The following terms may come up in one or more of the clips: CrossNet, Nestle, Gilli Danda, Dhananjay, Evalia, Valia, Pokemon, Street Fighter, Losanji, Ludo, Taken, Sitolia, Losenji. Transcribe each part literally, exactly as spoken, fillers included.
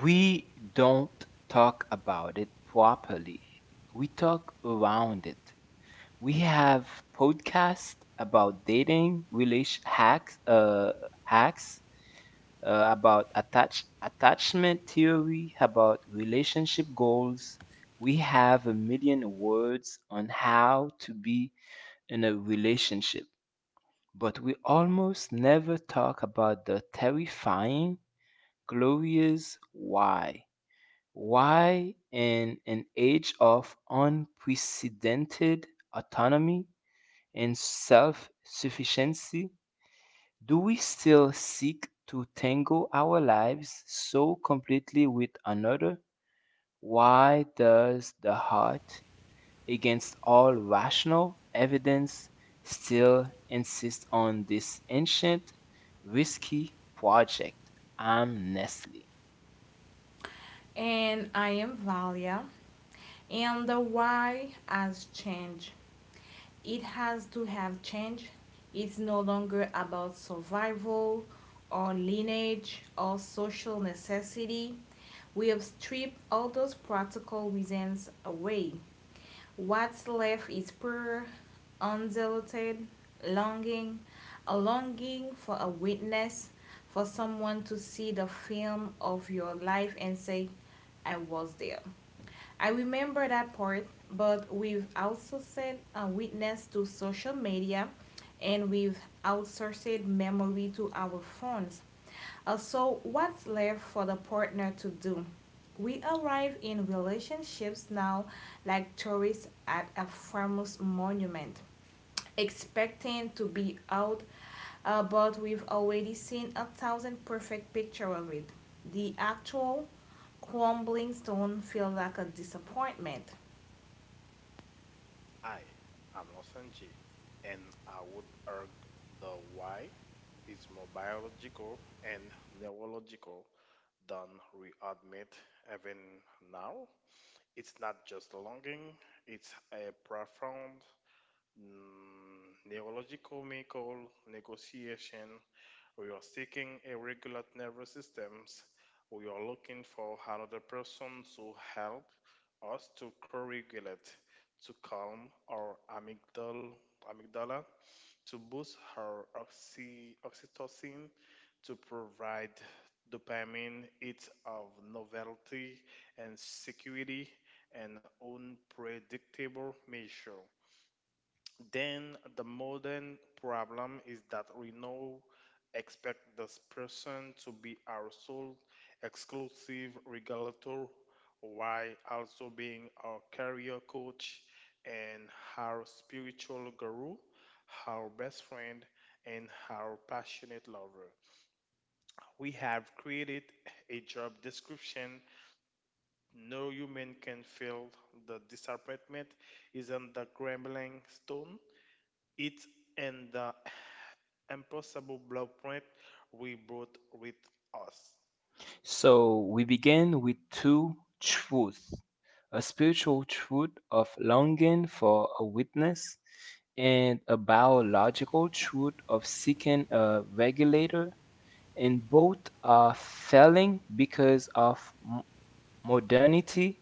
We don't talk about it properly. We talk around it. We have podcasts about dating, relation hacks, uh, hacks uh, about attach attachment theory, about relationship goals. We have a million words on how to be in a relationship, but we almost never talk about the terrifying, glorious why. Why, in an age of unprecedented autonomy and self sufficiency, do we still seek to tangle our lives so completely with another? Why does the heart, against all rational evidence, still insist on this ancient, risky project? I'm Nestle. And I am Valia. And the why has changed. It has to have changed. It's no longer about survival or lineage or social necessity. We have stripped all those practical reasons away. What's left is pure, undiluted longing, a longing for a witness, for someone to see the film of your life and say, I was there. I remember that part, but we've outsourced a witness to social media and we've outsourced memory to our phones. Uh, so, what's left for the partner to do? We arrive in relationships now like tourists at a famous monument expecting to be out, uh, but we've already seen a thousand perfect picture of it. The actual crumbling stone feels like a disappointment. I am Losanji, and I would argue the why is more biological and neurological than we admit even now. It's not just longing, it's a profound mm, neurological medical negotiation or you are seeking irregular nervous systems, or you are looking for another person to help us to co-regulate, to calm our amygdala, amygdala to boost our oxy, oxytocin, to provide dopamine, it's of novelty and security, and unpredictable measure. Then the modern problem is that we now expect this person to be our sole exclusive regulator while also being our career coach and our spiritual guru, our best friend, and our passionate lover. We have created a job description no human can fill. The disappointment isn't the grumbling stone, it's in the impossible blueprint we brought with us. So we begin with two truths, a spiritual truth of longing for a witness and a biological truth of seeking a regulator, and both are failing because of m- modernity's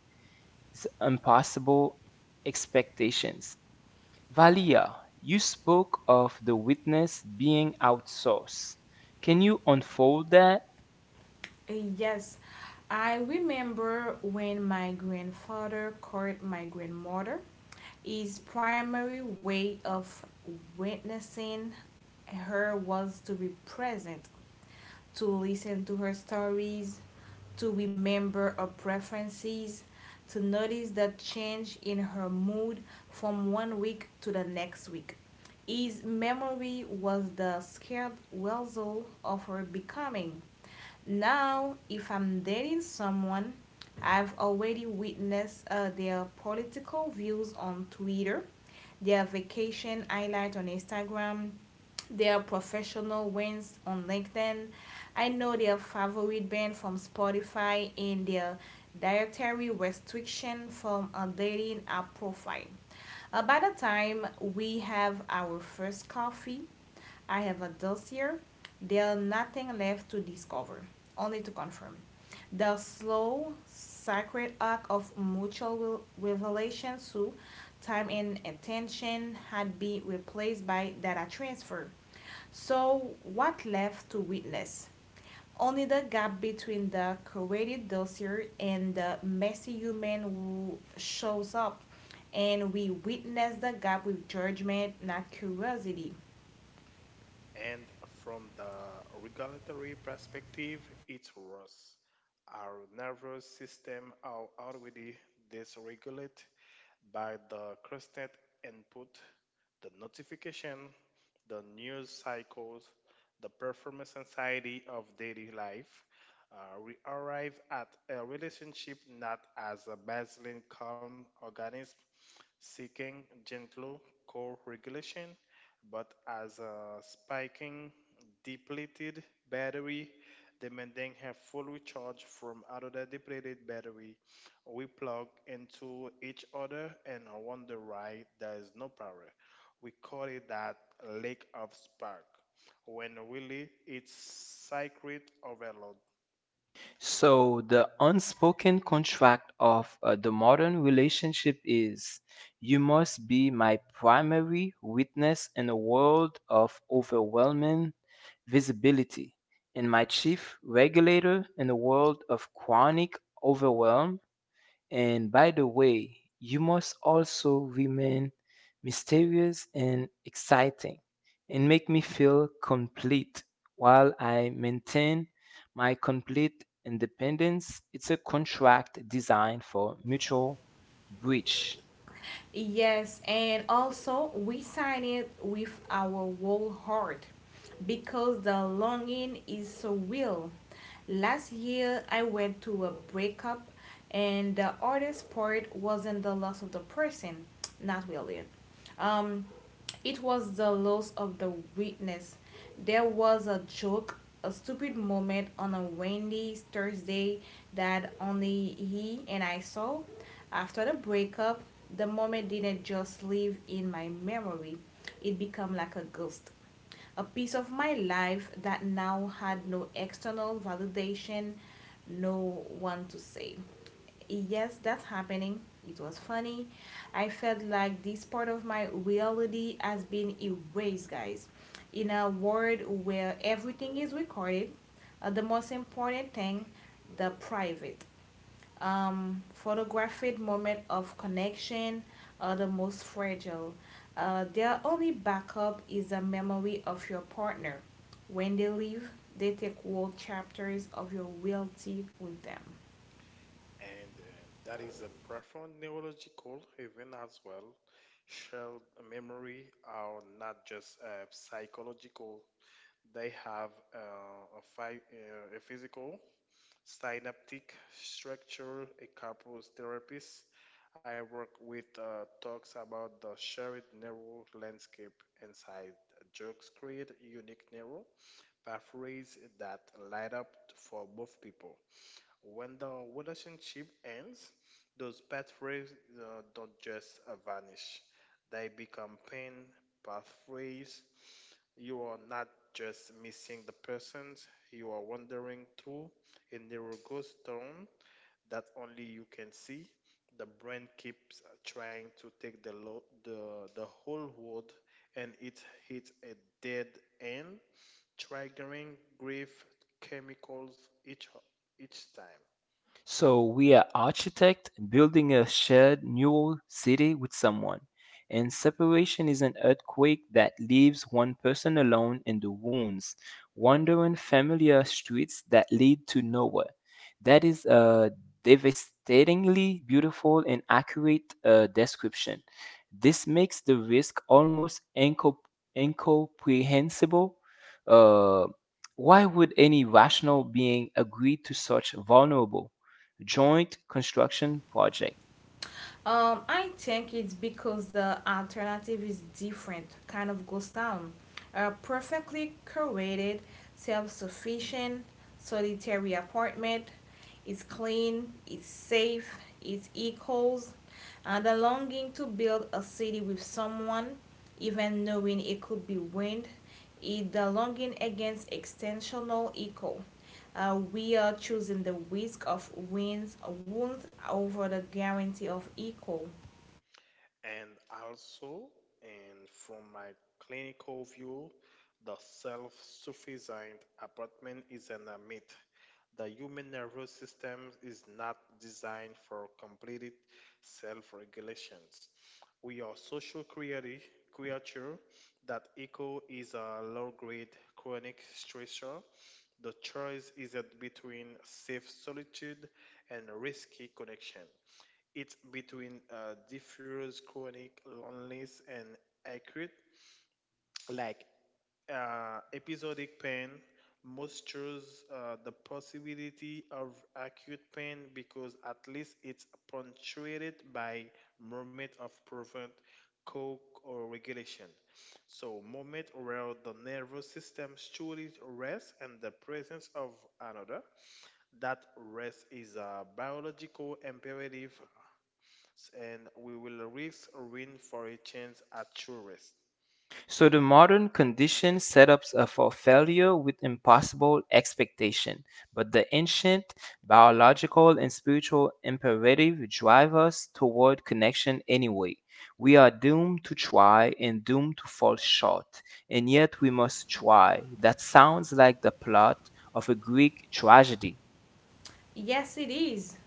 impossible expectations. Valia, you spoke of the witness being outsourced. Can you unfold that? Uh, yes, I remember when my grandfather called my grandmother. His primary way of witnessing her was to be present, to listen to her stories, to remember her preferences, to notice the change in her mood from one week to the next week. His memory was the scared weasel of her becoming. Now, if I'm dating someone, I've already witnessed uh, their political views on Twitter, their vacation highlight on Instagram, they are professional wins on LinkedIn. I know their favorite band from Spotify and their dietary restriction from a dating app profile. Uh, by the time we have our first coffee, I have a dossier. There's nothing left to discover, only to confirm. The slow, sacred arc of mutual revelation through time and attention had been replaced by data transfer. So, what left to witness? Only the gap between the curated dossier and the messy human who shows up, and we witness the gap with judgment, not curiosity. And from the regulatory perspective, it's worse. Our nervous system are already dysregulated by the CrossNet input, the notification, the news cycles, the performance anxiety of daily life. Uh, we arrive at a relationship not as a baseline calm organism seeking gentle core regulation, but as a spiking, depleted battery demanding a full recharge from another depleted battery. We plug into each other and on the right there is no power. We call it that lake of spark, when really it's sacred overload. So, the unspoken contract of uh, the modern relationship is you must be my primary witness in a world of overwhelming visibility, and my chief regulator in a world of chronic overwhelm, and by the way, you must also remain mysterious and exciting and make me feel complete while I maintain my complete independence. It's a contract designed for mutual breach. Yes, and also we sign it with our whole heart because the longing is so real. Last year I went to a breakup and the hardest part wasn't the loss of the person, not really. Um, it was the loss of the witness. There was a joke, a stupid moment on a windy Thursday that only he and I saw. After the breakup, the moment didn't just live in my memory, it became like a ghost, a piece of my life that now had no external validation, no one to say, yes, that's happening. It was funny. I felt like this part of my reality has been erased, guys. In a world where everything is recorded, uh, the most important thing, the private um, photographic moment of connection are the most fragile. Uh, their only backup is a memory of your partner. When they leave, they take whole chapters of your reality with them. And uh, that is a profound neurological event as well. Shared memory are not just uh, psychological, they have uh, a, phy- uh, a physical synaptic structure, a couples therapist. I work with uh, talks about the shared neural landscape inside jokes create unique neural pathways that light up for both people. When the relationship ends, those pathways uh, don't just uh, vanish, they become pain pathways. You are not just missing the persons, you are wandering through a narrow ghost town that only you can see. The brain keeps uh, trying to take the, lo- the, the whole world and it hits a dead end triggering grief chemicals each each time. So we are architect building a shared new city with someone. And separation is an earthquake that leaves one person alone in the wounds, wandering familiar streets that lead to nowhere. That is a devastatingly beautiful and accurate uh, description. This makes the risk almost incom- incomprehensible. Uh, why would any rational being agree to such vulnerable joint construction project. Um, I think it's because the alternative is different, kind of goes down. A perfectly curated, self sufficient, solitary apartment. It's clean, it's safe, it echoes uh, the longing to build a city with someone, even knowing it could be wind, is the longing against extensional echo. Uh, we are choosing the risk of wins wounds over the guarantee of equal. And also, and from my clinical view, the self sufficient apartment is an a myth. The human nervous system is not designed for completed self regulations. We are social creati- creature that echo is a low grade chronic stressor. The choice is that between safe solitude and risky connection. It's between uh, diffuse chronic loneliness and acute, like uh, episodic pain, moistures uh, the possibility of acute pain because at least it's punctuated by moment of prevent coke or regulation. So moment where the nervous system truly rests and the presence of another. That rest is a biological imperative and we will risk ruin for a chance at true rest. So the modern condition setups up for failure with impossible expectation, but the ancient biological and spiritual imperative drive us toward connection anyway. We are doomed to try and doomed to fall short, and yet we must try. That sounds like the plot of a Greek tragedy. Yes, it is.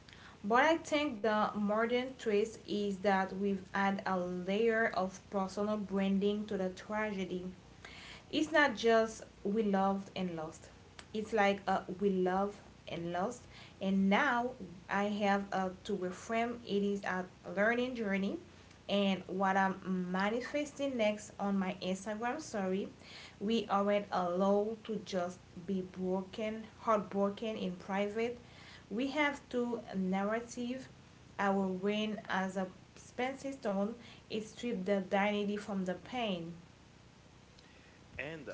But I think the modern twist is that we've added a layer of personal branding to the tragedy. It's not just we loved and lost. It's like uh, we love and lost, and now I have uh, to reframe it is a learning journey, and what I'm manifesting next on my Instagram story. We aren't allowed to just be broken, heartbroken in private. We have to narrative our win as a Spencer Stone. It stripped the dignity from the pain. And uh,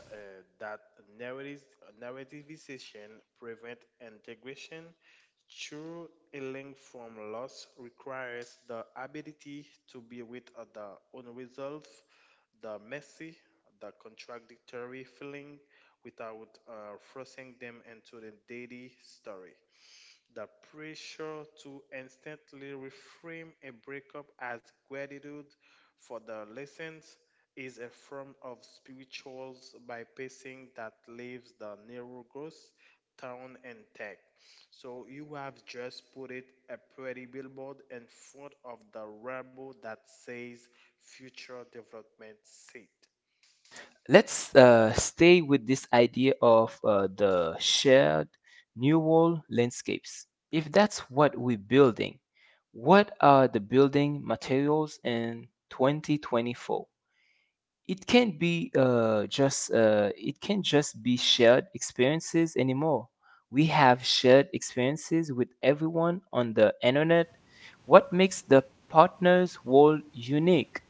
that narrative, narrativization prevent integration through a link from loss requires the ability to be with uh, the unresolved, the messy, the contradictory feeling without uh, forcing them into the daily story. The pressure to instantly reframe a breakup as gratitude for the lessons is a form of spiritual bypassing that leaves the narrow ghost town intact. So you have just put it a pretty billboard in front of the rubble that says future development seat. Let's uh, stay with this idea of uh, the shared neural landscapes. If that's what we're building, what are the building materials in twenty twenty-four? It can't be uh, just uh, it can't just be shared experiences anymore. We have shared experiences with everyone on the internet. What makes the partners world unique?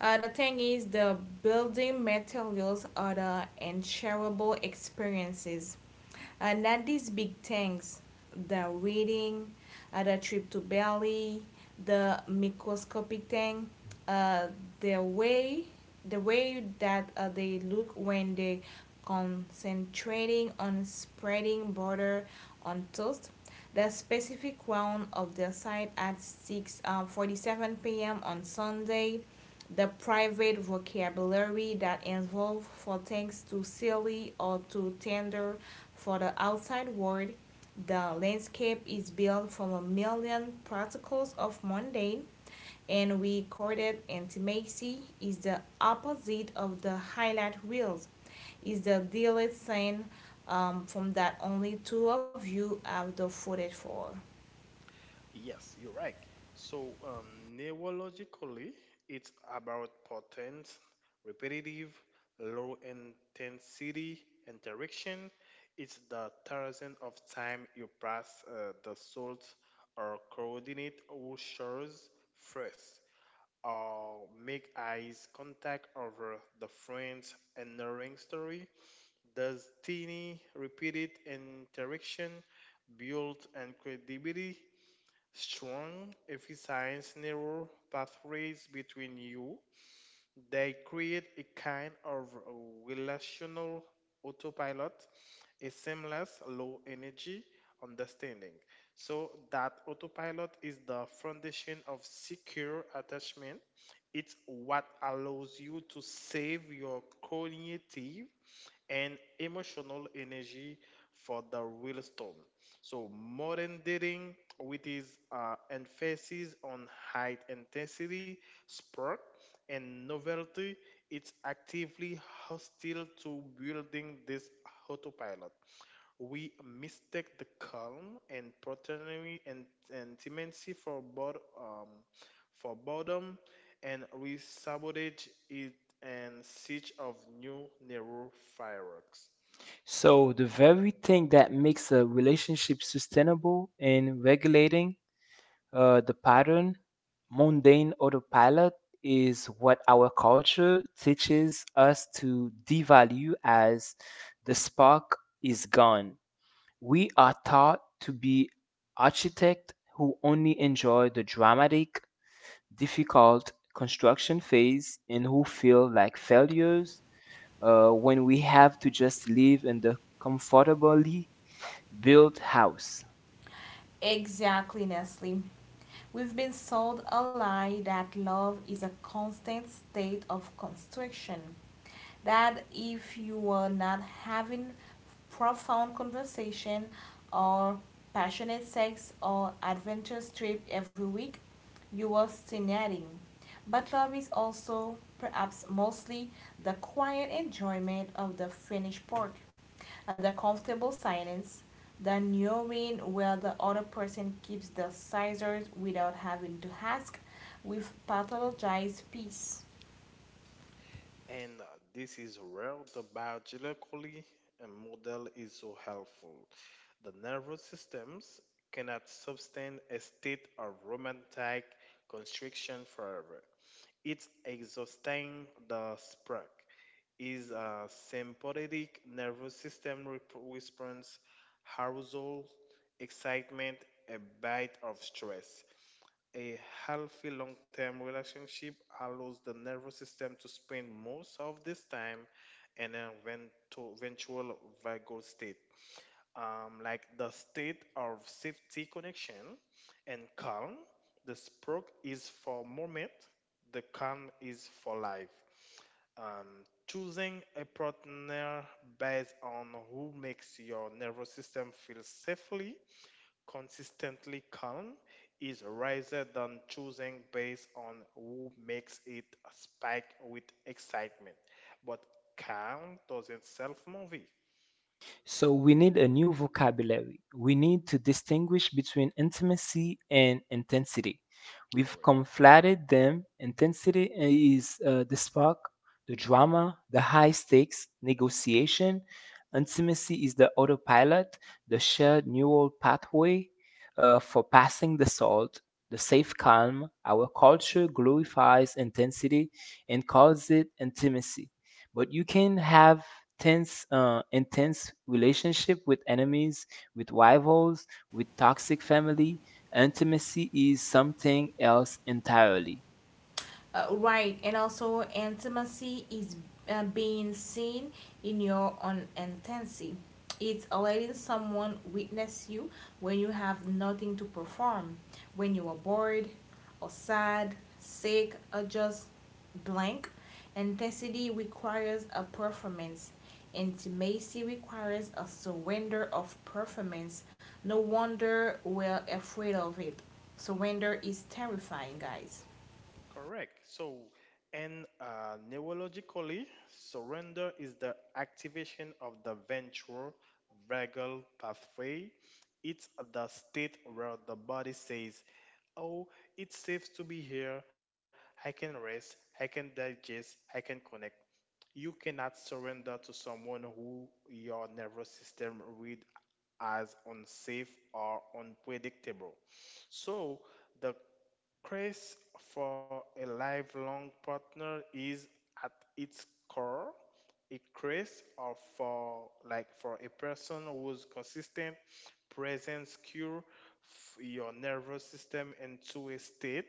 Uh, the thing is, the building materials are the unshareable experiences. Uh, not these big things, the reading, uh, the trip to Bali, the microscopic thing, uh, the way the way that uh, they look when they concentrating on spreading butter on toast. The specific round of the site at 6 uh, 47 p.m. on Sunday, the private vocabulary that involve for things too silly or too tender for the outside world. The landscape is built from a million particles of mundane and recorded intimacy is the opposite of the highlight reels, is the delete scene um, from that only two of you have the footage for. Yes, you're right. So, um, neurologically, it's about potent, repetitive, low intensity interaction. It's the thousand of time you pass uh, the salt or coordinate or shores first, or make eyes contact over the friend's enduring story. Does teeny repeated interaction build and credibility strong, emphasize narrow pathways between you. They create a kind of relational autopilot, a seamless, low energy understanding. So, that autopilot is the foundation of secure attachment. It's what allows you to save your cognitive and emotional energy for the real storm. So, modern dating, with its uh, emphasis on high intensity, spark, and novelty, it's actively hostile to building this autopilot. We mistake the calm and paternity and, and intimacy for bod um, for boredom, and we sabotage it and siege of new narrow fireworks. So, the very thing that makes a relationship sustainable in regulating uh, the pattern, mundane autopilot, is what our culture teaches us to devalue as the spark is gone. We are taught to be architects who only enjoy the dramatic, difficult construction phase and who feel like failures uh, when we have to just live in the comfortably Build house. Exactly, Nestle. We've been sold a lie that love is a constant state of constriction. That if you are not having profound conversation or passionate sex or adventurous trip every week, you are stagnating. But love is also, perhaps mostly, the quiet enjoyment of the finished pork and the comfortable silence, the knowing where the other person keeps the scissors without having to ask, with have pathologized peace. And uh, this is where the biological uh, model is so helpful. The nervous systems cannot sustain a state of romantic constriction forever. It's exhausting the spark. Is a sympathetic nervous system rep- response, arousal, excitement, a bite of stress. A healthy long term relationship allows the nervous system to spend most of this time in a vento- ventral vagal state, um, like the state of safety connection and calm. The stroke is for moment, the calm is for life. Um, choosing a partner based on who makes your nervous system feel safely consistently calm is rather than choosing based on who makes it spike with excitement. But calm doesn't self movie. So we need a new vocabulary. We need to distinguish between intimacy and intensity. We've Correct. conflated them. Intensity is uh, the spark, the drama, the high stakes negotiation. Intimacy is the autopilot, the shared neural pathway uh, for passing the salt, the safe calm. Our culture glorifies intensity and calls it intimacy, but you can have tense, uh, intense relationship with enemies, with rivals, with toxic family. Intimacy is something else entirely. uh, right and also intimacy is uh, being seen in your own intensity. It's letting someone witness you when you have nothing to perform, when you are bored or sad, sick, or just blank. Intensity requires a performance. Intimacy requires a surrender of performance. No wonder we're afraid of it. Surrender is terrifying, guys. Correct. So, and uh, neurologically, surrender is the activation of the ventral vagal pathway. It's the state where the body says, "Oh, it's safe to be here. I can rest, I can digest, I can connect." You cannot surrender to someone who your nervous system read as unsafe or unpredictable. So, the Craze for a lifelong partner is at its core a craze or for like for a person whose consistent presence cure f- your nervous system into a state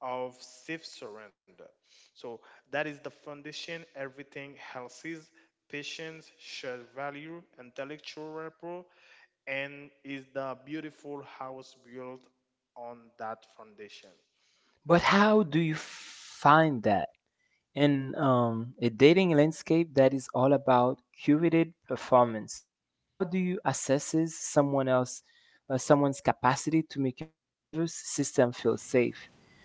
of safe surrender. So that is the foundation everything else is patience, shared value, intellectual rapport, and is the beautiful house built on that foundation. But how do you find that in um, a dating landscape that is all about curated performance. How do you assess someone else, uh, someone's capacity to make your nervous system feel safe?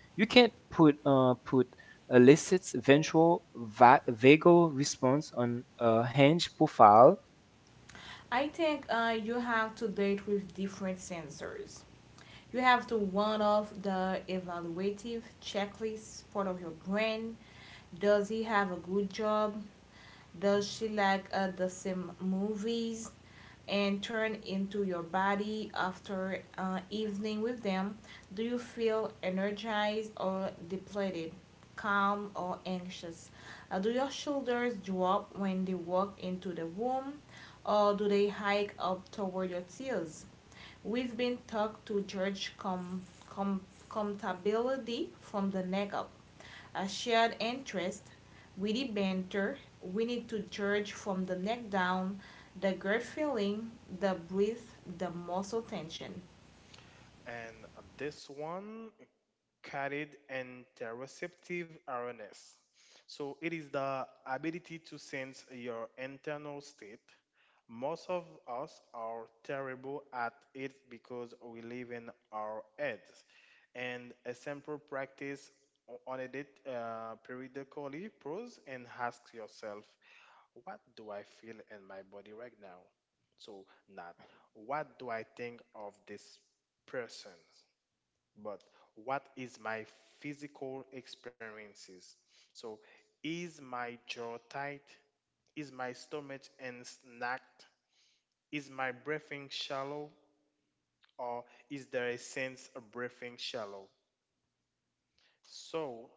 You can't put uh, put a licit's eventual va- vagal response on a hinge profile. I think uh, you have to do it with different sensors. You have to one off the evaluative checklist part of your brain. Does he have a good job? Does she like uh, the same movies? And turn into your body after uh, evening with them? Do you feel energized or depleted, calm or anxious? Uh, do your shoulders drop when they walk into the womb, or do they hike up toward your heels? We've been taught to judge com- com- comptability from the neck up. A shared interest, witty banter, we need to judge from the neck down, the gut feeling, the breath, the muscle tension. And this one carried interoceptive awareness. So it is the ability to sense your internal state. Most of us are terrible at it because we live in our heads. And a simple practice on it uh, periodically pause and ask yourself, what do I feel in my body right now? So, not what do I think of this person, but what is my physical experiences? So, is my jaw tight? Is my stomach and snacked? Is my breathing shallow? Or is there a sense of breathing shallow? So,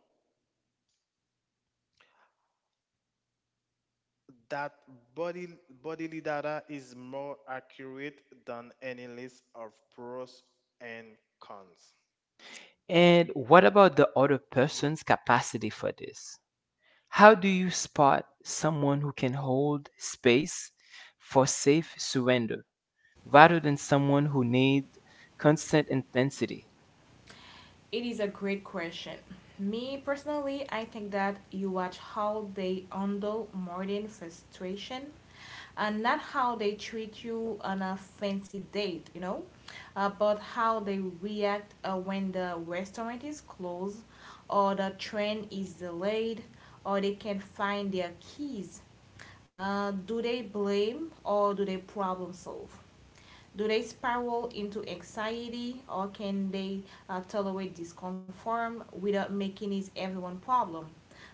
that body, bodily data is more accurate than any list of pros and cons. And what about the other person's capacity for this? How do you spot someone who can hold space for safe surrender, rather than someone who need constant intensity. It is a great question. Me personally, I think that you watch how they handle modern frustration and not how they treat you on a fancy date, you know, uh, but how they react uh, when the restaurant is closed or the train is delayed or they can't find their keys. Uh, do they blame or do they problem solve? Do they spiral into anxiety or can they uh, tolerate discomfort without making it everyone problem?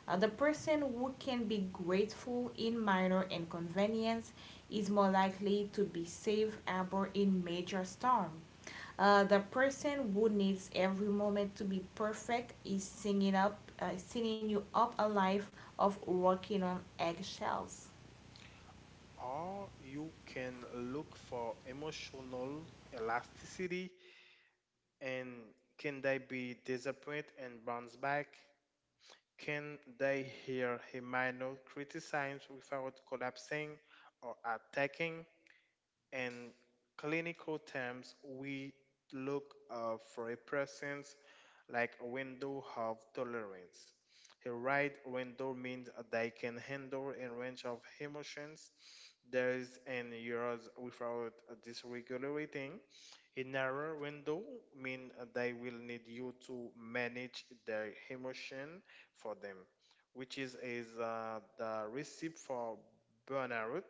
Uh, the person who can be grateful in minor inconvenience is more likely to be safe harbor in major storm. Uh, the person who needs every moment to be perfect is singing up, uh, singing you up a life of walking on eggshells. Or you can look for emotional elasticity and can they be disappointed and bounce back? Can they hear a minor criticism without collapsing or attacking? In clinical terms, we look uh, for a presence like a window of tolerance. A wide window means they can handle a range of emotions. There is an yours without dysregulating. A narrow window means they will need you to manage their emotion for them, which is, is uh, the recipe for burnout.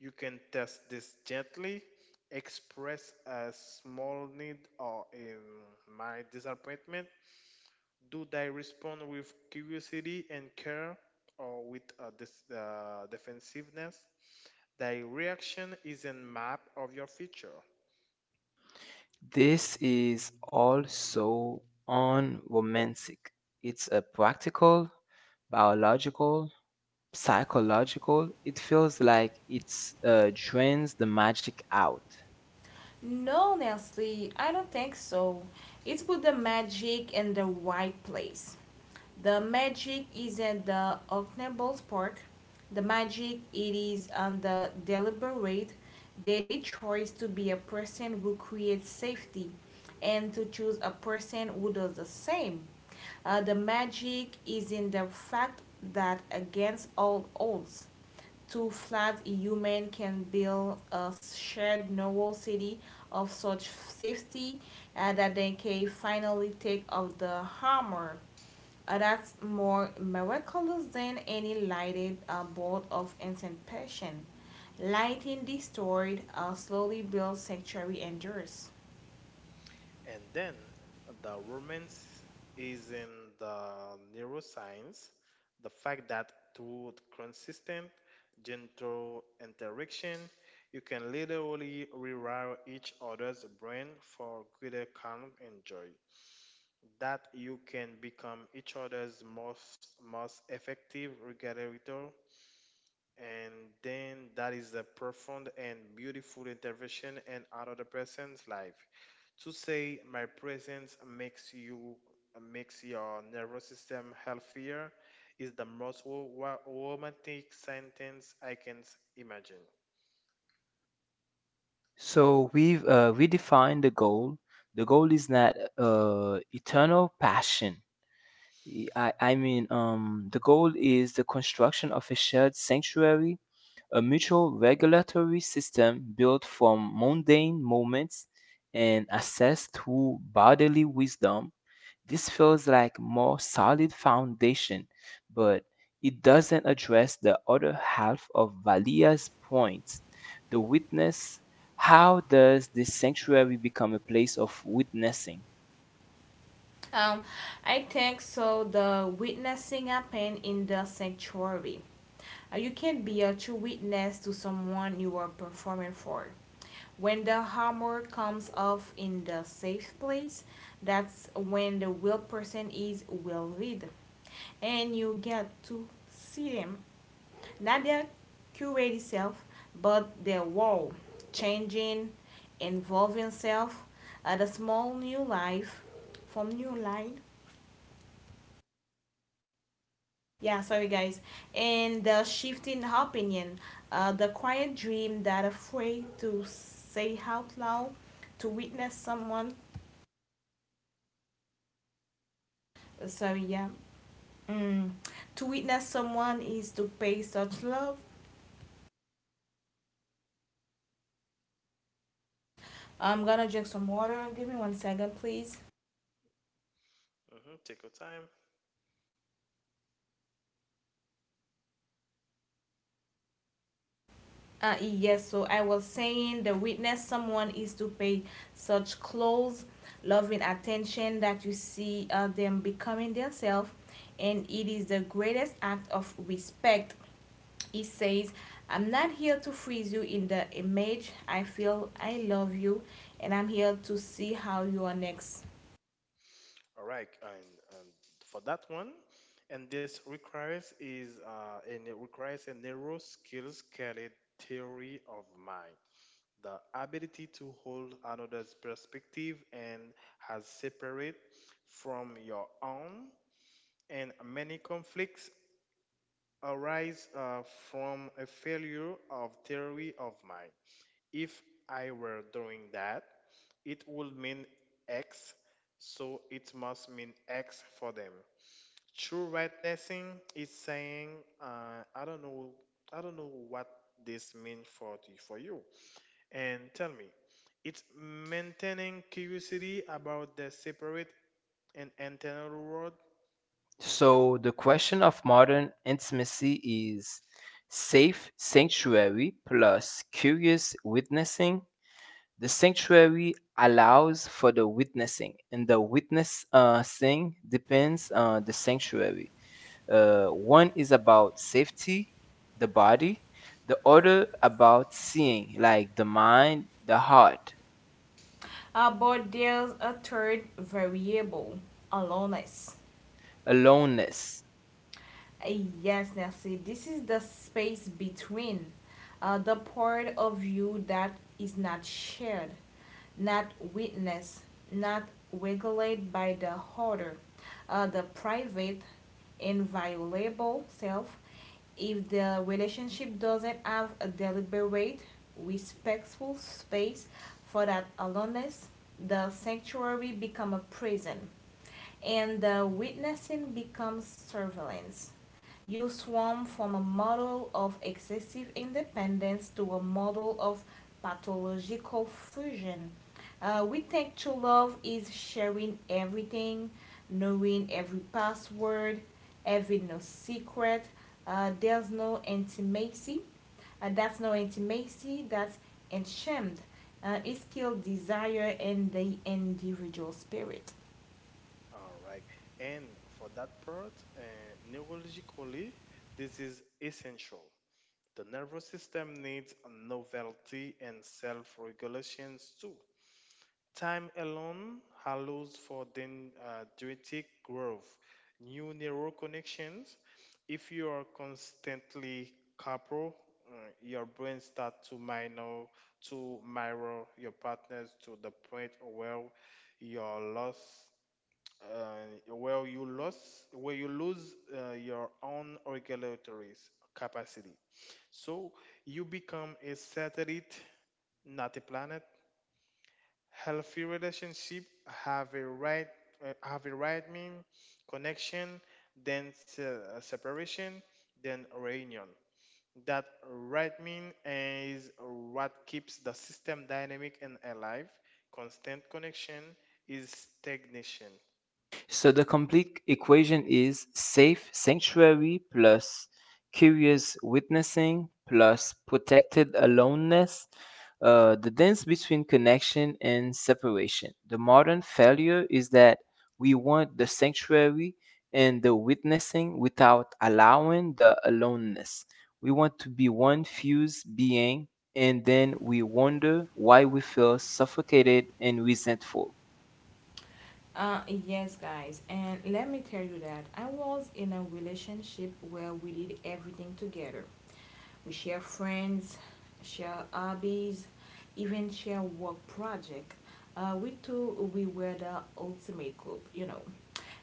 You can test this gently, express a small need or a my disappointment. Do they respond with curiosity and care or with a dis- uh, defensiveness? Their reaction is a map of your future. This is also unromantic. It's a practical, biological, psychological. It feels like it uh, drains the magic out. No, Nestle, I don't think so. It's put the magic in the right place. The magic is in the Ocknable's Park. The magic it is on the deliberate daily choice to be a person who creates safety and to choose a person who does the same. Uh, the magic is in the fact that against all odds, two flat human can build a shared novel city of such safety uh, that they can finally take off the armor. Uh, that's more miraculous than any lighted uh, bolt of anticipation. Lighting destroyed, uh, slowly built sanctuary endures. And then the romance is in the neuroscience, the fact that through consistent, gentle interaction, you can literally rewire each other's brain for greater calm and joy. That you can become each other's most, most effective regulator and then that is a profound and beautiful intervention in another person's life. To say my presence makes you makes your nervous system healthier is the most wo- wo- romantic sentence I can s- imagine. So we've uh, we defined the goal. The goal is that uh, eternal passion. E- I, I mean, um, the goal is the construction of a shared sanctuary, a mutual regulatory system built from mundane moments and assessed through bodily wisdom. This feels like more solid foundation, but it doesn't address the other half of Valia's point. The witness, how does this sanctuary become a place of witnessing? Um, I think so. The witnessing happened in the sanctuary. Uh, you can be a true witness to someone you are performing for. When the hammer comes off in the safe place, that's when the will person is well read, and you get to see them, not their curate self, but their world changing, involving self, uh, the small new life from new line. Yeah, sorry guys. And the shifting opinion, uh, the quiet dream that afraid to say out loud, to witness someone. Uh, sorry, yeah. Mm. To witness someone is to pay such love. I'm gonna drink some water. Give me one second, please. Hmm. Take your time. Uh, yes, so I was saying the witness someone is to pay such close, loving attention that you see uh, them becoming themselves, and it is the greatest act of respect. He says, I'm not here to freeze you in the image. I feel I love you, and I'm here to see how you are next. All right, and, and for that one, and this requires is uh, and it requires a narrow skills carried theory of mind, the ability to hold another's perspective and has separate from your own. And many conflicts arise uh, from a failure of theory of mind. If I were doing that, it would mean x, so it must mean x for them. True rightnessing is saying, uh, I don't know, I don't know what this means for, for you and tell me. It's maintaining curiosity about the separate and internal world. So the question of modern intimacy is safe sanctuary plus curious witnessing. The sanctuary allows for the witnessing, and the witnessing depends on the sanctuary. Uh, one is about safety, the body, the other about seeing, like the mind, the heart, uh, But there's a third variable, aloneness. aloneness. Uh, Yes, Nancy, this is the space between uh, the part of you that is not shared, not witnessed, not regulated by the holder, uh, the private, inviolable self. If the relationship doesn't have a deliberate, respectful space for that aloneness, the sanctuary become a prison and the witnessing becomes surveillance. You swarm from a model of excessive independence to a model of pathological fusion. Uh, we think true love is sharing everything, knowing every password, having no secret. Uh, there's no intimacy. Uh, that's no intimacy. That's enchained. Uh, it's killed desire and the individual spirit. All right. And for that part, uh, neurologically, this is essential. The nervous system needs novelty and self regulations too. Time alone allows for dendritic growth, new neural connections. If you are constantly coupled, uh, your brain starts to minor to mirror your partners to the point where your loss, uh, where you lost, where you lose uh, your own regulatory s- capacity. So you become a satellite, not a planet. Healthy relationship have a right uh, have a right mean connection, then se- uh, separation, then reunion. That right mean is what keeps the system dynamic and alive. Constant connection is stagnation. So the complete equation is safe sanctuary plus curious witnessing plus protected aloneness, uh, the dance between connection and separation. The modern failure is that we want the sanctuary and the witnessing without allowing the aloneness. We want to be one fused being, and then we wonder why we feel suffocated and resentful. Uh, yes, guys, and let me tell you that I was in a relationship where we did everything together. We share friends, share hobbies, even share work project. Uh, we two, we were the ultimate couple, you know.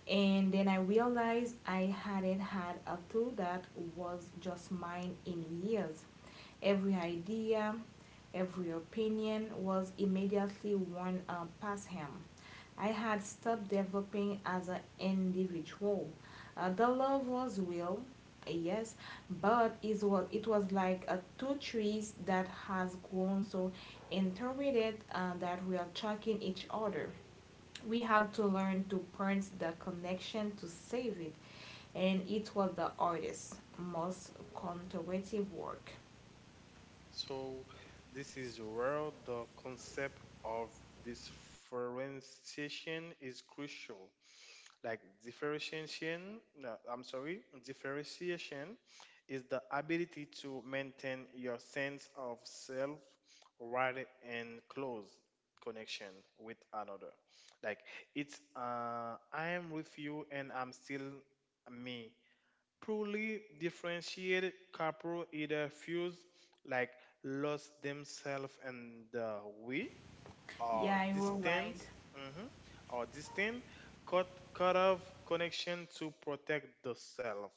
And then I realized I hadn't had a tool that was just mine in years. Every idea, every opinion was immediately worn uh, past him. I had stopped developing as an individual. Uh, the love was real, yes, but it was, it was like uh, two trees that has grown so interrelated uh, that we are choking each other. We had to learn to print the connection to save it, and it was the hardest, most conservative work. So this is where the concept of differentiation is crucial. Like differentiation, no, I'm sorry, Differentiation is the ability to maintain your sense of self rather and close connection with another. Like it's uh, I am with you and I'm still me. Truly differentiated couple either fuse like lost themselves and the we or Yeah, you were right. distance. Mhm, or distant cut cut off connection to protect the self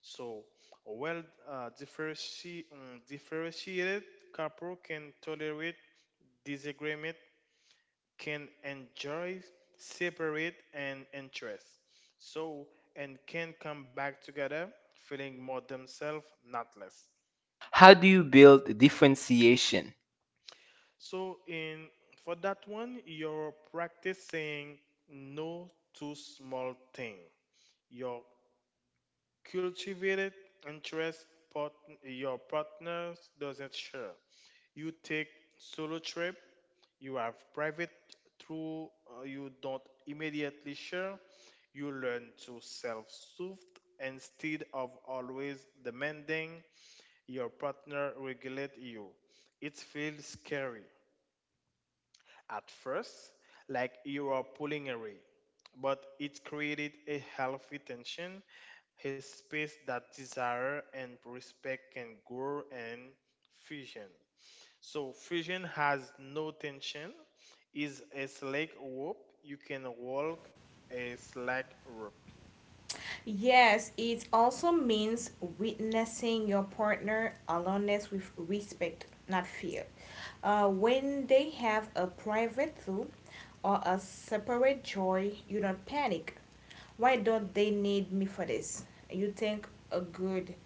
so well uh, differenti- mm, differentiated couple can tolerate disagreement can enjoy separate and interests, so and can come back together feeling more themselves not less. How do you build differentiation? So in for that one, you're practicing no to small thing. Your cultivated interest part your partner doesn't share. You take solo trip. You have private through uh, you don't immediately share. You learn to self-soothe instead of always demanding your partner regulate you. It feels scary at first, like you are pulling away, but it created a healthy tension, a space that desire and respect can grow and fusion. So fusion has no tension, is a slack rope you can walk, a slack rope, Yes, it also means witnessing your partner aloneness with respect, not fear. Uh, when they have a private zoo or a separate joy, you don't panic. Why don't they need me for this? You think, uh, good.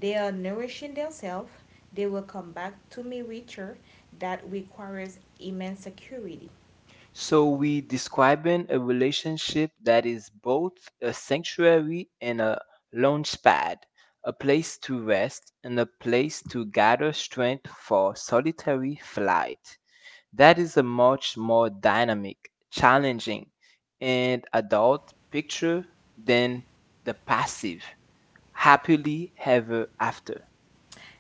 They are nourishing themselves. They will come back to me richer. That requires immense security. So we describing a relationship that is both a sanctuary and a launch pad, a place to rest and a place to gather strength for solitary flight. That is a much more dynamic, challenging, and adult picture than the passive happily ever after.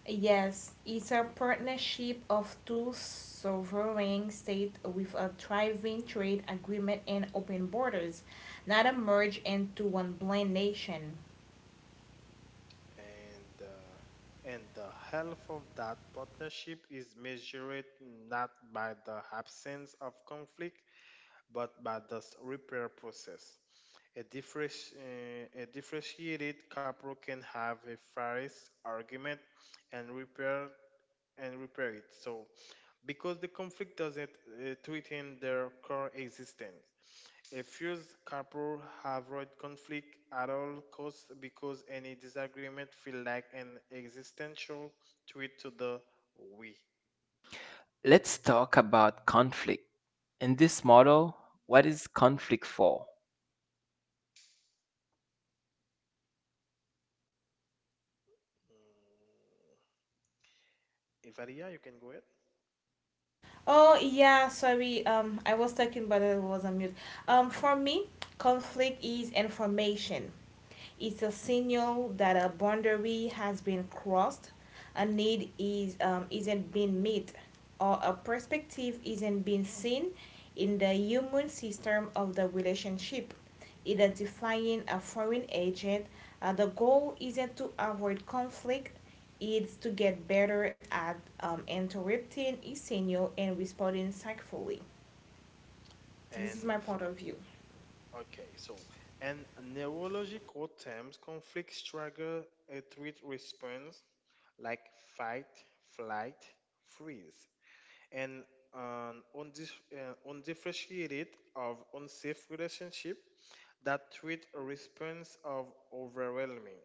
Yes, it's a partnership of two sovereign states with a thriving trade agreement and open borders, not a merge into one blind nation. and uh, and the health of that partnership is measured not by the absence of conflict but by the s- repair process. A, differenti- uh, a differentiated couple can have a fairest argument and repair and repair it. So, because the conflict doesn't uh, threaten their core existence, a fused couple avoid conflict at all costs because any disagreement feel like an existential threat to the we. Let's talk about conflict. In this model, what is conflict for? Evalia, you can go ahead. Oh yeah, sorry. Um, I was talking, but I was on mute. Um, for me, conflict is information. It's a signal that a boundary has been crossed, a need is um, isn't being met, or a perspective isn't being seen in the human system of the relationship. Identifying a foreign agent, uh, the goal isn't to avoid conflict, is to get better at um, interrupting his signal and responding tactfully. This is And my point of view. okay, so and neurological terms, conflict struggle, a threat response like fight, flight, freeze, and an undif- uh, undifferentiated of unsafe relationship that treat a response of overwhelming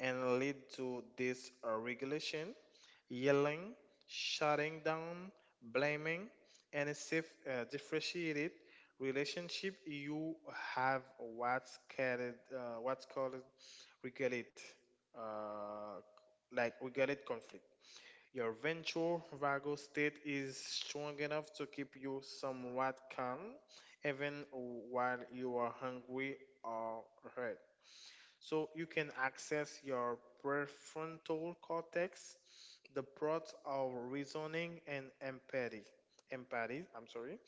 and lead to dysregulation, yelling, shutting down, blaming, and a safe uh, differentiated relationship you have what's called uh, what's called regulate uh, like regulate conflict. Your ventral vagal state is strong enough to keep you somewhat calm, even while you are hungry or hurt. So you can access your prefrontal cortex, the parts of reasoning and empathy. Empathy, I'm sorry.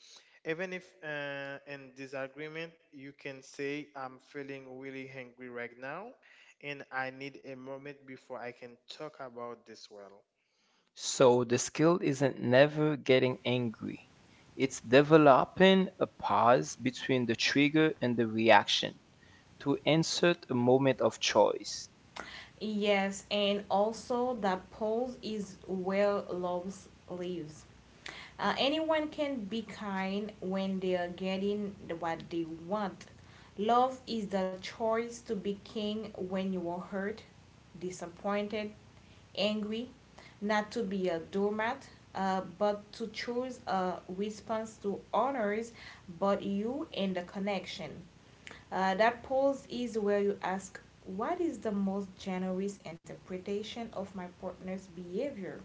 Even if uh, in disagreement, you can say, "I'm feeling really hungry right now, and I need a moment before I can talk about this well." So the skill isn't never getting angry. It's developing a pause between the trigger and the reaction to insert a moment of choice. Yes, and also that Paul is where love lives. Uh, anyone can be kind when they are getting what they want. Love is the choice to be king when you are hurt, disappointed, angry, not to be a doormat, uh, but to choose a response to honors but you and the connection. Uh, that pause is where you ask, what is the most generous interpretation of my partner's behavior?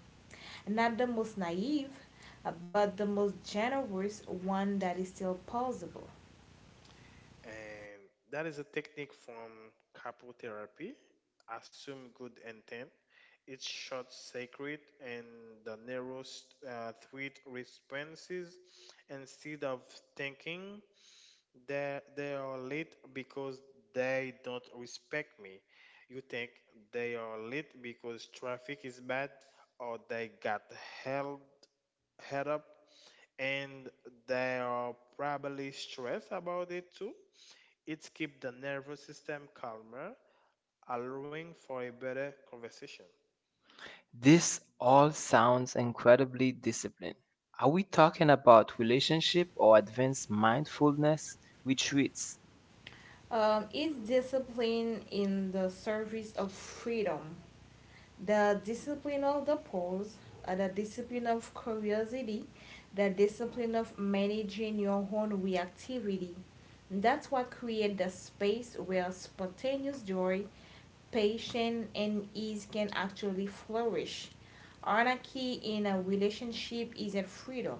Not the most naive, uh, but the most generous one that is still possible. And that is a technique from couple therapy. Assume good intent. It short, sacred, and the narrowest uh, threat responses instead of thinking that they are late because they don't respect me. You think they are late because traffic is bad, or they got held head up, and they are probably stressed about it too. It keeps the nervous system calmer, allowing for a better conversation. This all sounds incredibly disciplined. Are we talking about relationship or advanced mindfulness retreats? Um, it's discipline in the service of freedom, the discipline of the pause, uh, the discipline of curiosity, the discipline of managing your own reactivity. And that's what creates the space where spontaneous joy, patience, and ease can actually flourish. Anarchy in a relationship isn't freedom.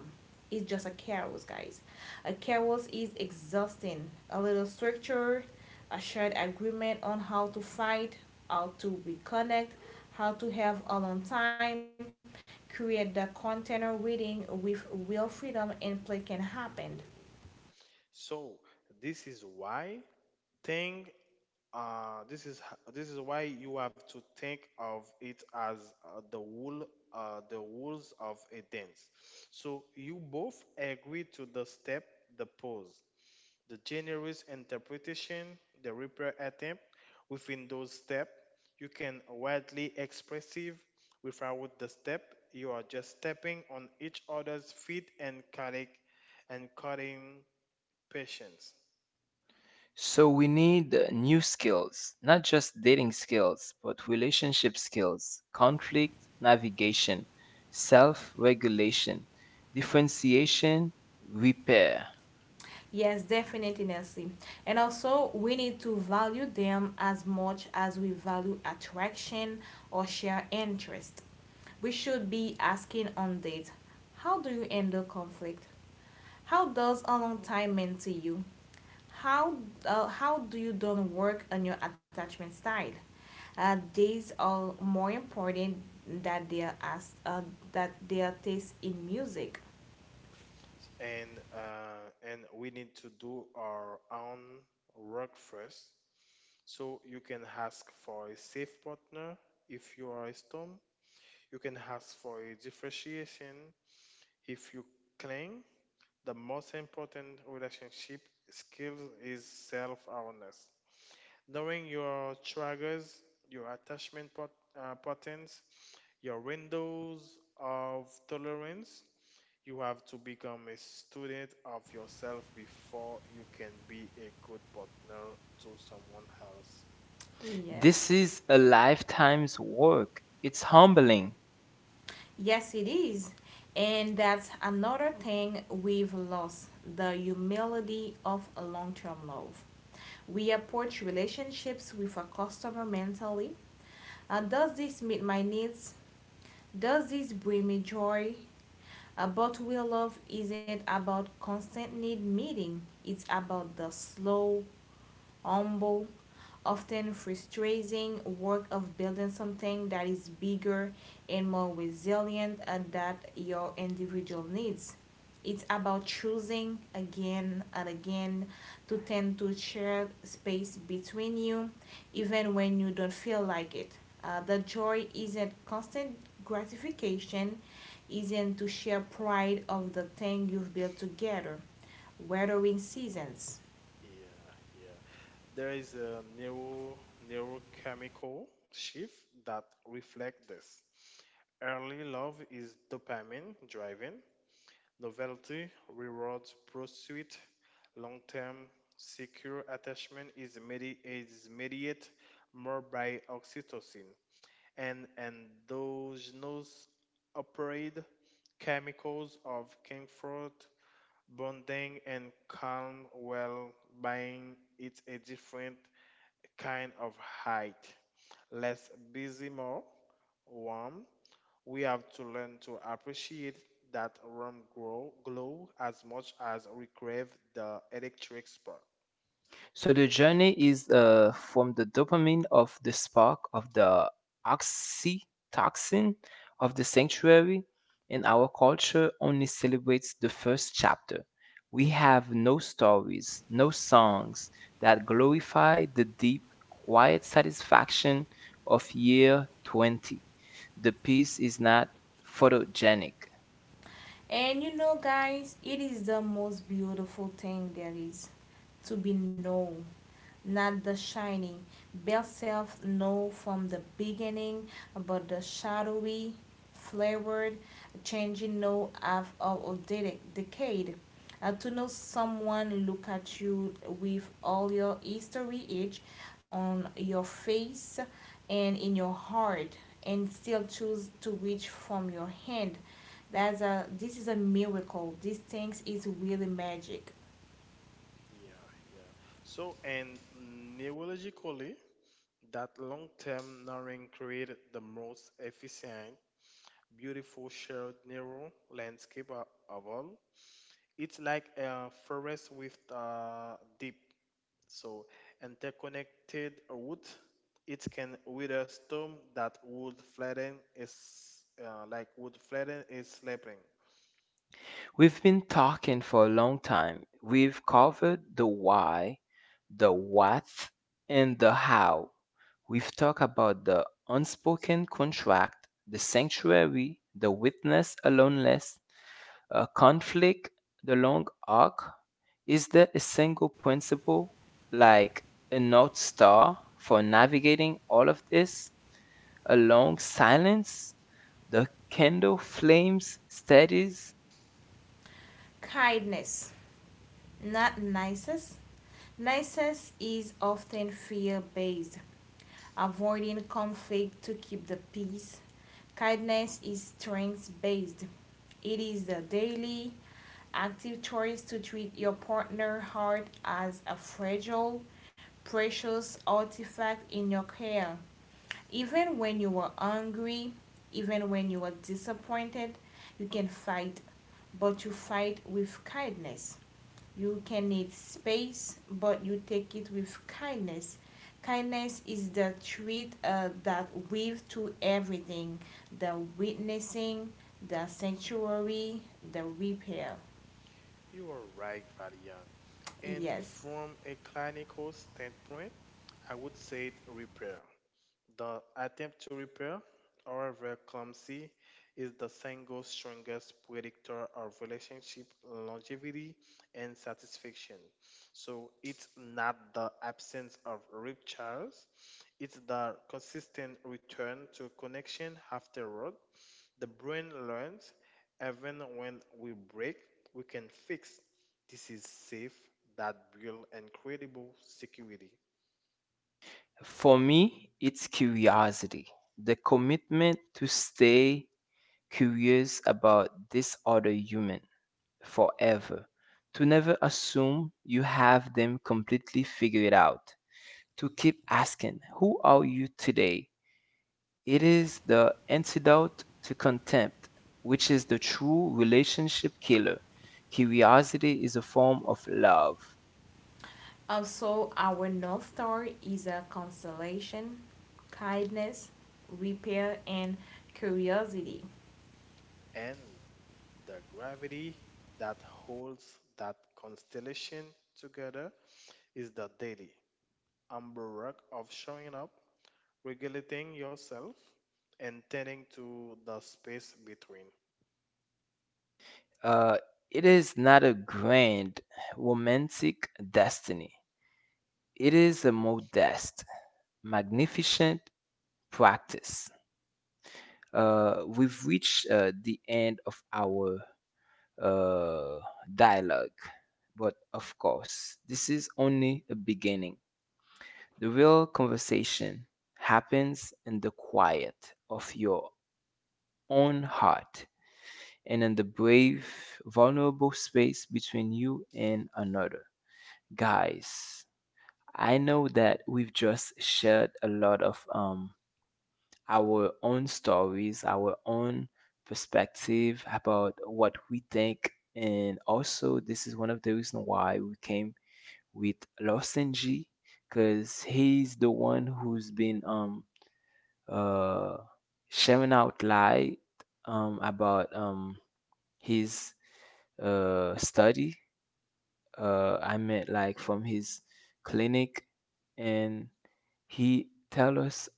It's just a chaos, guys. A chaos is exhausting. A little structure, a shared agreement on how to fight, how to reconnect, how to have alone time, create the container reading with real freedom and play can happen. So this is why think uh, this is h- this is why you have to think of it as uh, the rule uh, the rules of a dance. So you both agree to the step, the pose, the generous interpretation, the repair attempt within those steps. You can widely expressive without the step. You are just stepping on each other's feet and cutting and cutting patience. So we need uh, new skills, not just dating skills, but relationship skills, conflict navigation, self regulation, differentiation, repair. Yes, definitely, Nancy. And also, we need to value them as much as we value attraction or share interest. We should be asking on dates, how do you handle conflict? How does a long time mean to you? How uh, how do you don't work on your attachment style? Uh, these are more important that they are asked, uh, that they are taste in music. And uh, and we need to do our own work first. So you can ask for a safe partner if you are a storm. You can ask for a differentiation if you claim the most important relationship skill is self awareness. Knowing your triggers, your attachment pat- uh, patterns, your windows of tolerance, you have to become a student of yourself before you can be a good partner to someone else. This Yes. is a lifetime's work. It's humbling. Yes, it is. And that's another thing we've lost the humility of long term love. We approach relationships with a customer mentally. Uh, does this meet my needs? Does this bring me joy? Uh, but real love isn't about constant need meeting, it's about the slow, humble, often frustrating work of building something that is bigger and more resilient uh, than your individual needs. It's about choosing again and again to tend to share space between you, even when you don't feel like it. Uh, the joy isn't constant gratification, isn't to share pride of the thing you've built together, weathering seasons. Yeah, yeah. There is a neuro neurochemical shift that reflects this. Early love is dopamine driven, novelty rewards pursuit, long term secure attachment is, medi- is mediated more by oxytocin and endogenous opioid chemicals of comfort, bonding, and calm, while buying it a different kind of height. Less busy, more warm. We have to learn to appreciate that warm glow, glow as much as we crave the electric spark. So the journey is uh, from the dopamine of the spark of the oxytocin of the sanctuary, and our culture only celebrates the first chapter. We have no stories, no songs that glorify the deep, quiet satisfaction of year twenty. The piece is not photogenic. And you know, guys, it is the most beautiful thing there is to be known, not the shining. Best self know from the beginning about the shadowy, flavored, changing know of our decade uh, to know someone look at you with all your history age on your face and in your heart and still choose to reach from your hand. That's a this is a miracle. These things is really magic. Yeah, yeah. So, and neurologically, that long term knowing created the most efficient, beautiful shared neural landscape o- of all. It's like a forest with uh, deep, so interconnected wood. It can withstand storm that would flatten is uh, like would flatten is sleeping. We've been talking for a long time. We've covered the why, the what, and the how. We've talked about the unspoken contract, the sanctuary, the witness aloneness, a conflict, the long arc. Is there a single principle, like a North Star, for navigating all of this? A long silence? The candle flames steadies. Kindness, not niceness. Niceness is often fear based, avoiding conflict to keep the peace. Kindness is strength based. It is the daily active choice to treat your partner heart as a fragile, precious artifact in your care. Even when you are angry, even when you are disappointed, you can fight, but you fight with kindness. You can need space, but you take it with kindness. Kindness is the treat uh, that weaves to everything, the witnessing, the sanctuary, the repair. You are right, Valia. And Yes. from a clinical standpoint, I would say it repair. The attempt to repair, however clumsy, is the single strongest predictor of relationship longevity and satisfaction. So it's not the absence of ruptures, it's the consistent return to connection afterward. The brain learns, even when we break, we can fix. This is safe, that build incredible security. For me, it's curiosity, the commitment to stay curious about this other human forever, to never assume you have them completely figured out, to keep asking, who are you today? It is the antidote to contempt, which is the true relationship killer. Curiosity is a form of love. Also, our North Star is a constellation: kindness, repair, and curiosity. And the gravity that holds that constellation together is the daily umber work of showing up, regulating yourself, and tending to the space between. Uh, it is not a grand romantic destiny. It is a modest, magnificent practice. Uh, we've reached uh, the end of our uh, dialogue, but of course, this is only a beginning. The real conversation happens in the quiet of your own heart and in the brave, vulnerable space between you and another. Guys, I know that we've just shared a lot of um, our own stories, our own perspective about what we think. And also, this is one of the reasons why we came with Losenji, because he's the one who's been um uh sharing out light um about um his uh study. Uh, I meant like from his clinic, and he tell us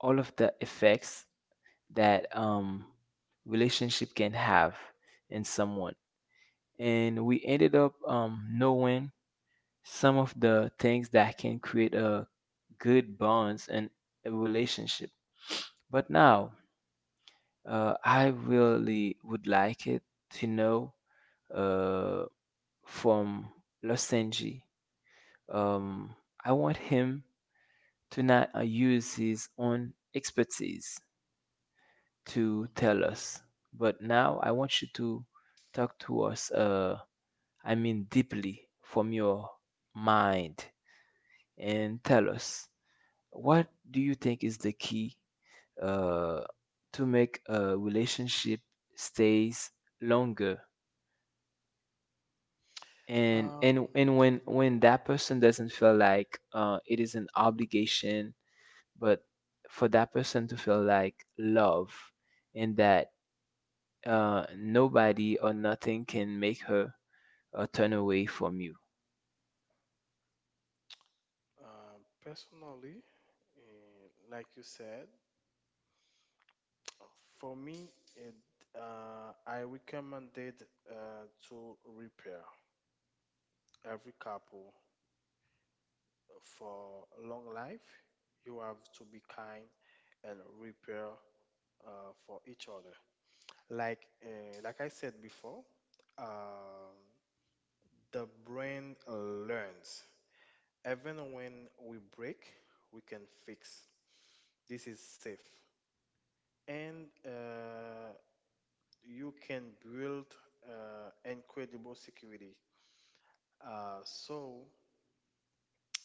all of the effects that um, relationship can have in someone. And we ended up um, knowing some of the things that can create a good bonds and a relationship. But now, uh, I really would like it to know uh, from Losenji. Um, I want him to not uh, use his own expertise to tell us. But now I want you to talk to us, uh, I mean, deeply from your mind and tell us what do you think is the key uh, to make a relationship stays longer? And, Um, and and when when that person doesn't feel like uh, it is an obligation, but for that person to feel like love, and that uh, nobody or nothing can make her uh, turn away from you. uh, personally, eh, like you said, for me, it, uh, I recommended uh, to repair every couple for long life. You have to be kind and repair uh, for each other. Like uh, like I said before, um, the brain learns. Even when we break, we can fix. This is safe, and uh, you can build uh, incredible security. Uh, so,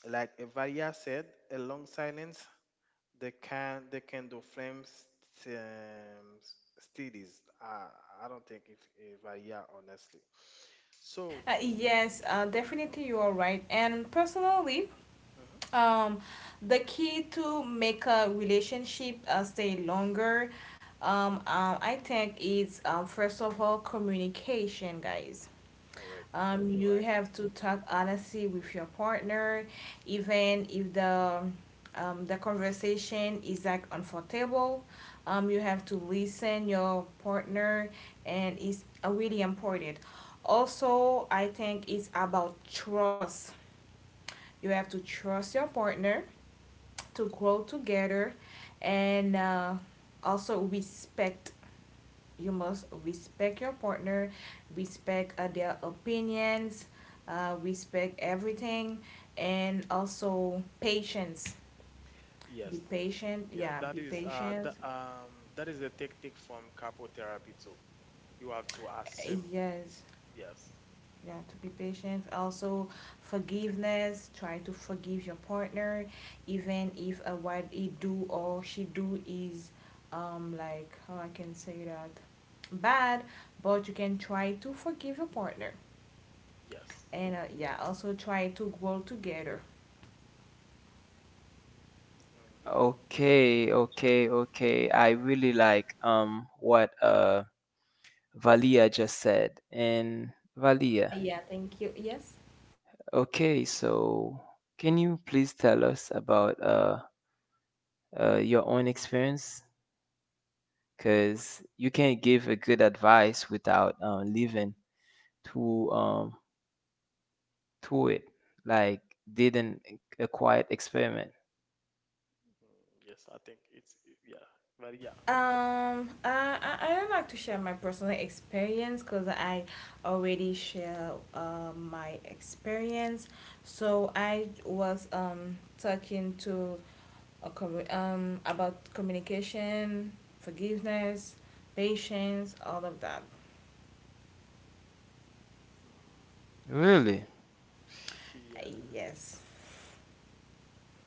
like Evalia said, a long silence, they can they can do flames um, s- studies. Uh, I don't think if Evalia honestly. So, Uh, yes, uh, definitely you are right. And personally, mhm, um, the key to make a relationship uh, stay longer, um, uh, I think, is um, first of all communication, guys. correct. Um, You're you right. have to talk honestly with your partner, even if the um, the conversation is like uncomfortable. Um, you have to listen your partner, and it's uh, really important. Also, I think it's about trust. You have to trust your partner to grow together, and uh, also respect. You must respect your partner, respect uh, their opinions, uh, respect everything, and also patience. Be Yes. patient. Yeah, Yeah, that be is uh patient. the, um that is a technique from capotherapy too. You have to Uh, assume. Yes. Yes. Yeah, to be patient. Also, forgiveness. Try to forgive your partner, even if uh, what he do or she do is, um, like how I can say that, bad. But you can try to forgive your partner. Yes. And uh, yeah, also try to grow together. Mhm. Okay, okay, okay. I really like um what uh Valia just said. And Valia, Yeah, thank you. Yes. okay, so can you please tell us about uh, uh your own experience? Because you can't give a good advice without uh, living to um to it, like did an a quiet experiment. Mm, yes, I think it's yeah, but yeah. Um uh, i i don't like to share my personal experience because i already share uh, my experience. So I was um talking to a commu- um about communication, forgiveness, patience, all of that. Mm, so Really? Uh, yeah. yes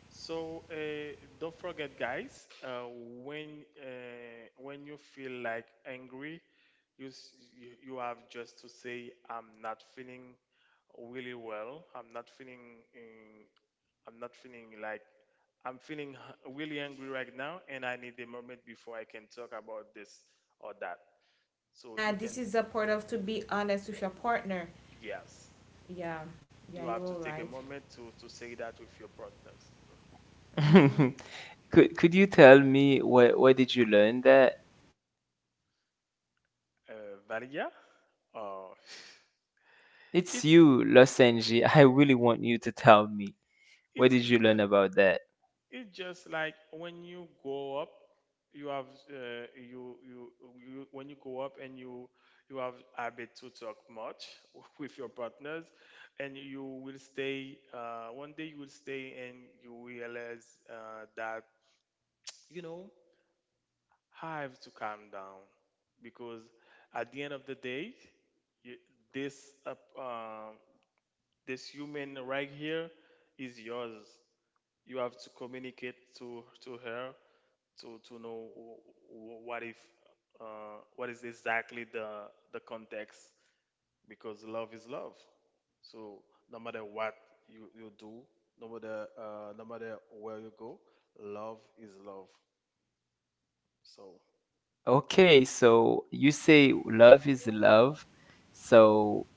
So uh, don't forget, guys. Uh, when uh, when you feel like angry, you s- you you have just to say, "I'm not feeling really well. I'm not feeling. Um, I'm not feeling like." I'm feeling h- really angry right now, and I need a moment before I can talk about this or that. So you uh, this can, is a part of to be honest with your partner. yes, Yeah, yeah, you you're have all to take right. a moment to to say that with your partners. Mm-hmm. Could could you tell me where where did you learn that? uh, Valia. Oh, It's it's you, Losenji. I really want you to tell me. Where it's did you learn just about that? it's just like when you go up, you have uh, you, you you when you go up and you you have habit to talk much with your partners, and you will stay. Uh, one day you will stay and you realize uh, that you know I have to calm down because at the end of the day, you, this uh, um this human right here is yours. You have to communicate to to her to to know wh- wh- what if uh, what is exactly the the context, because love is love. So no matter what you, you do, no matter uh, no matter where you go, love is love. So Okay, so you say love is love. So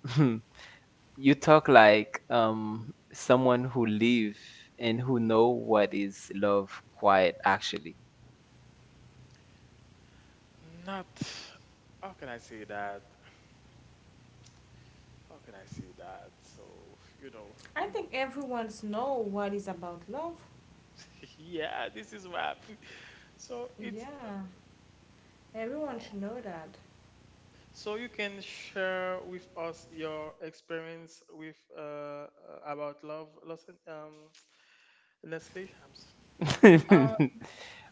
you talk like um someone who live and who know what is love quite actually. not, how can I say that? How can I say that? So you know, I think everyone's know what is about love. yeah, this is wrap. So it's Yeah, everyone oh. should know that. So you can share with us your experience with uh, uh, about love, loss, and, um, Nestle. I'm s-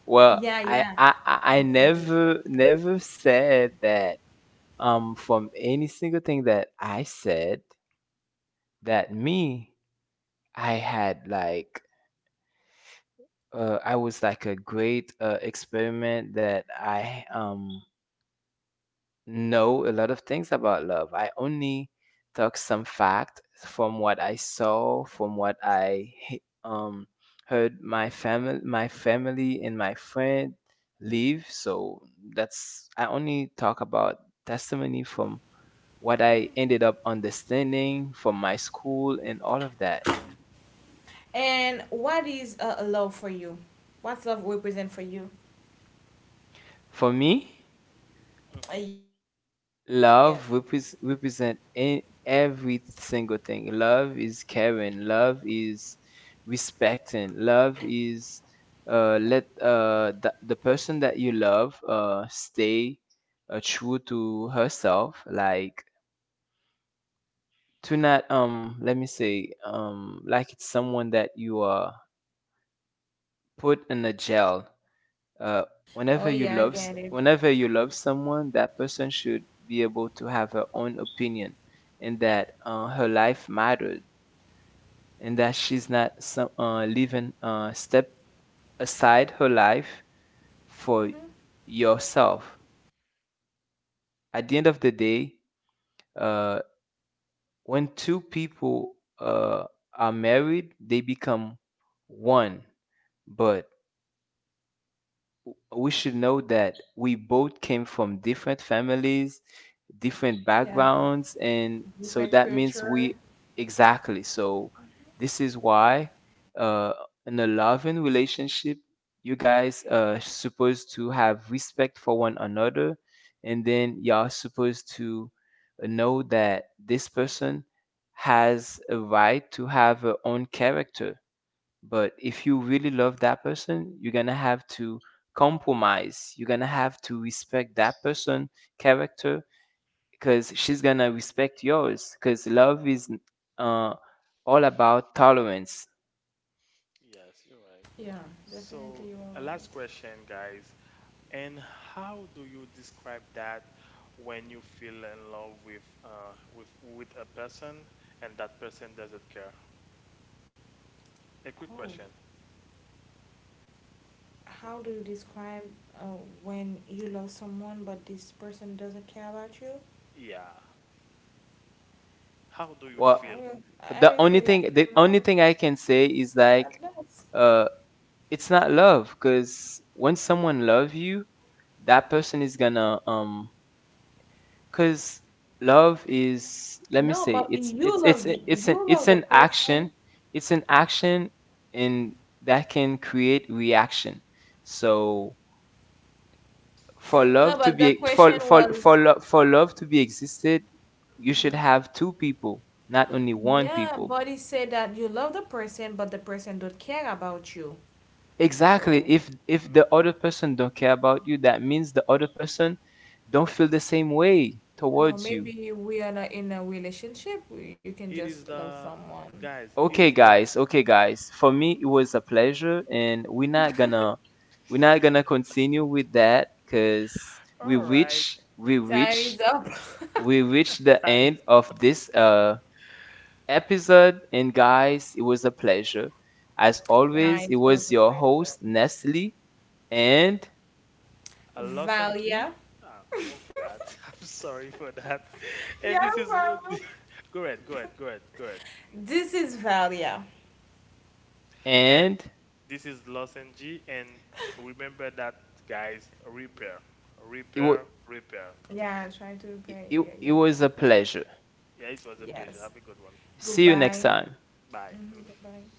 Well, Yeah, I, yeah. I I I This is a good never question. never said that. Um, from any single thing that I said that me I had like uh, I was like a great uh, experiment that I um know a lot of things about love. I only took some fact from what I saw, from what I he- um heard my family my family and my friend leave. So that's I only talk about testimony from what I ended up understanding from my school and all of that. And what is uh, love for you? What's love represent for you? For me, Mhm. Uh, love yes. repres represent e- every single thing. Love is caring. Love is respecting. Love is uh, let uh, the, the person that you love uh, stay uh, true to herself. Like to not um let me say um like it's someone that you are put in a jail, uh, Oh whenever you yeah, I love s- get it. whenever you love someone that person should be able to have her own opinion and that uh, her life mattered and that she's not some, uh, leaving uh, step aside her life for Mhm. yourself. At the end of the day, uh, when two people uh, are married they become one, but we should know that we both came from different families, different Yeah, backgrounds, and so different that means culture. we exactly. So this is why uh, in a loving relationship, you guys are supposed to have respect for one another, and then y'all supposed to know that this person has a right to have her own character but if you really love that person, you're gonna have to compromise. You're gonna have to respect that person' character because she's gonna respect yours. Because love is uh, all about tolerance. Yes, you're right. Yeah, So definitely you a are last right. question, guys. And how do you describe that when you feel in love with uh, with with a person and that person doesn't care? A quick Oh, question. how do you describe uh, when you love someone but this person doesn't care about you? Yeah. How do you I feel? Well, will, I the will only feel like thing the I'm only alone. thing I can say is like Sadness. uh, it's not love because when someone loves you, that person is gonna um Cause love is let me No, say but it's you it's it's love the it's an you it's love the an person. action. It's an action and that can create reaction. So for No, love to but the be question for for for was, love for love to be existed, you should have two people, not only one yeah, people. buddy said that you love the person, but the person don't care about you. Exactly. So If if the Mhm. other person don't care about you, that means the other person don't feel the same way no, towards you. maybe we are not in a relationship. You can It just is love the someone. guys. It Okay, is the guys. Okay, guys. For me, it was a pleasure, and we're not gonna we're not gonna continue with that because we all right reach we Time reach is up. we reach the type end of this uh episode. And guys, it was a pleasure. As Yeah, always, it it's from was the your question. host Nestle, and a lozenge. Valia. Ah, oh God, I'm sorry for that. Yeah, And this is lo- Valia. go ahead, go ahead, go ahead, go ahead. Mm. This is Valia. And and this is lozenge. And remember that, guys. Repair, it was repair, repair. Yeah, try to it, pay it, your, it your was a pleasure. Yeah, it was a pleasure. Have Yes. a good one. See you next Goodbye. time. Bye. Hmm, Mhm. goodbye.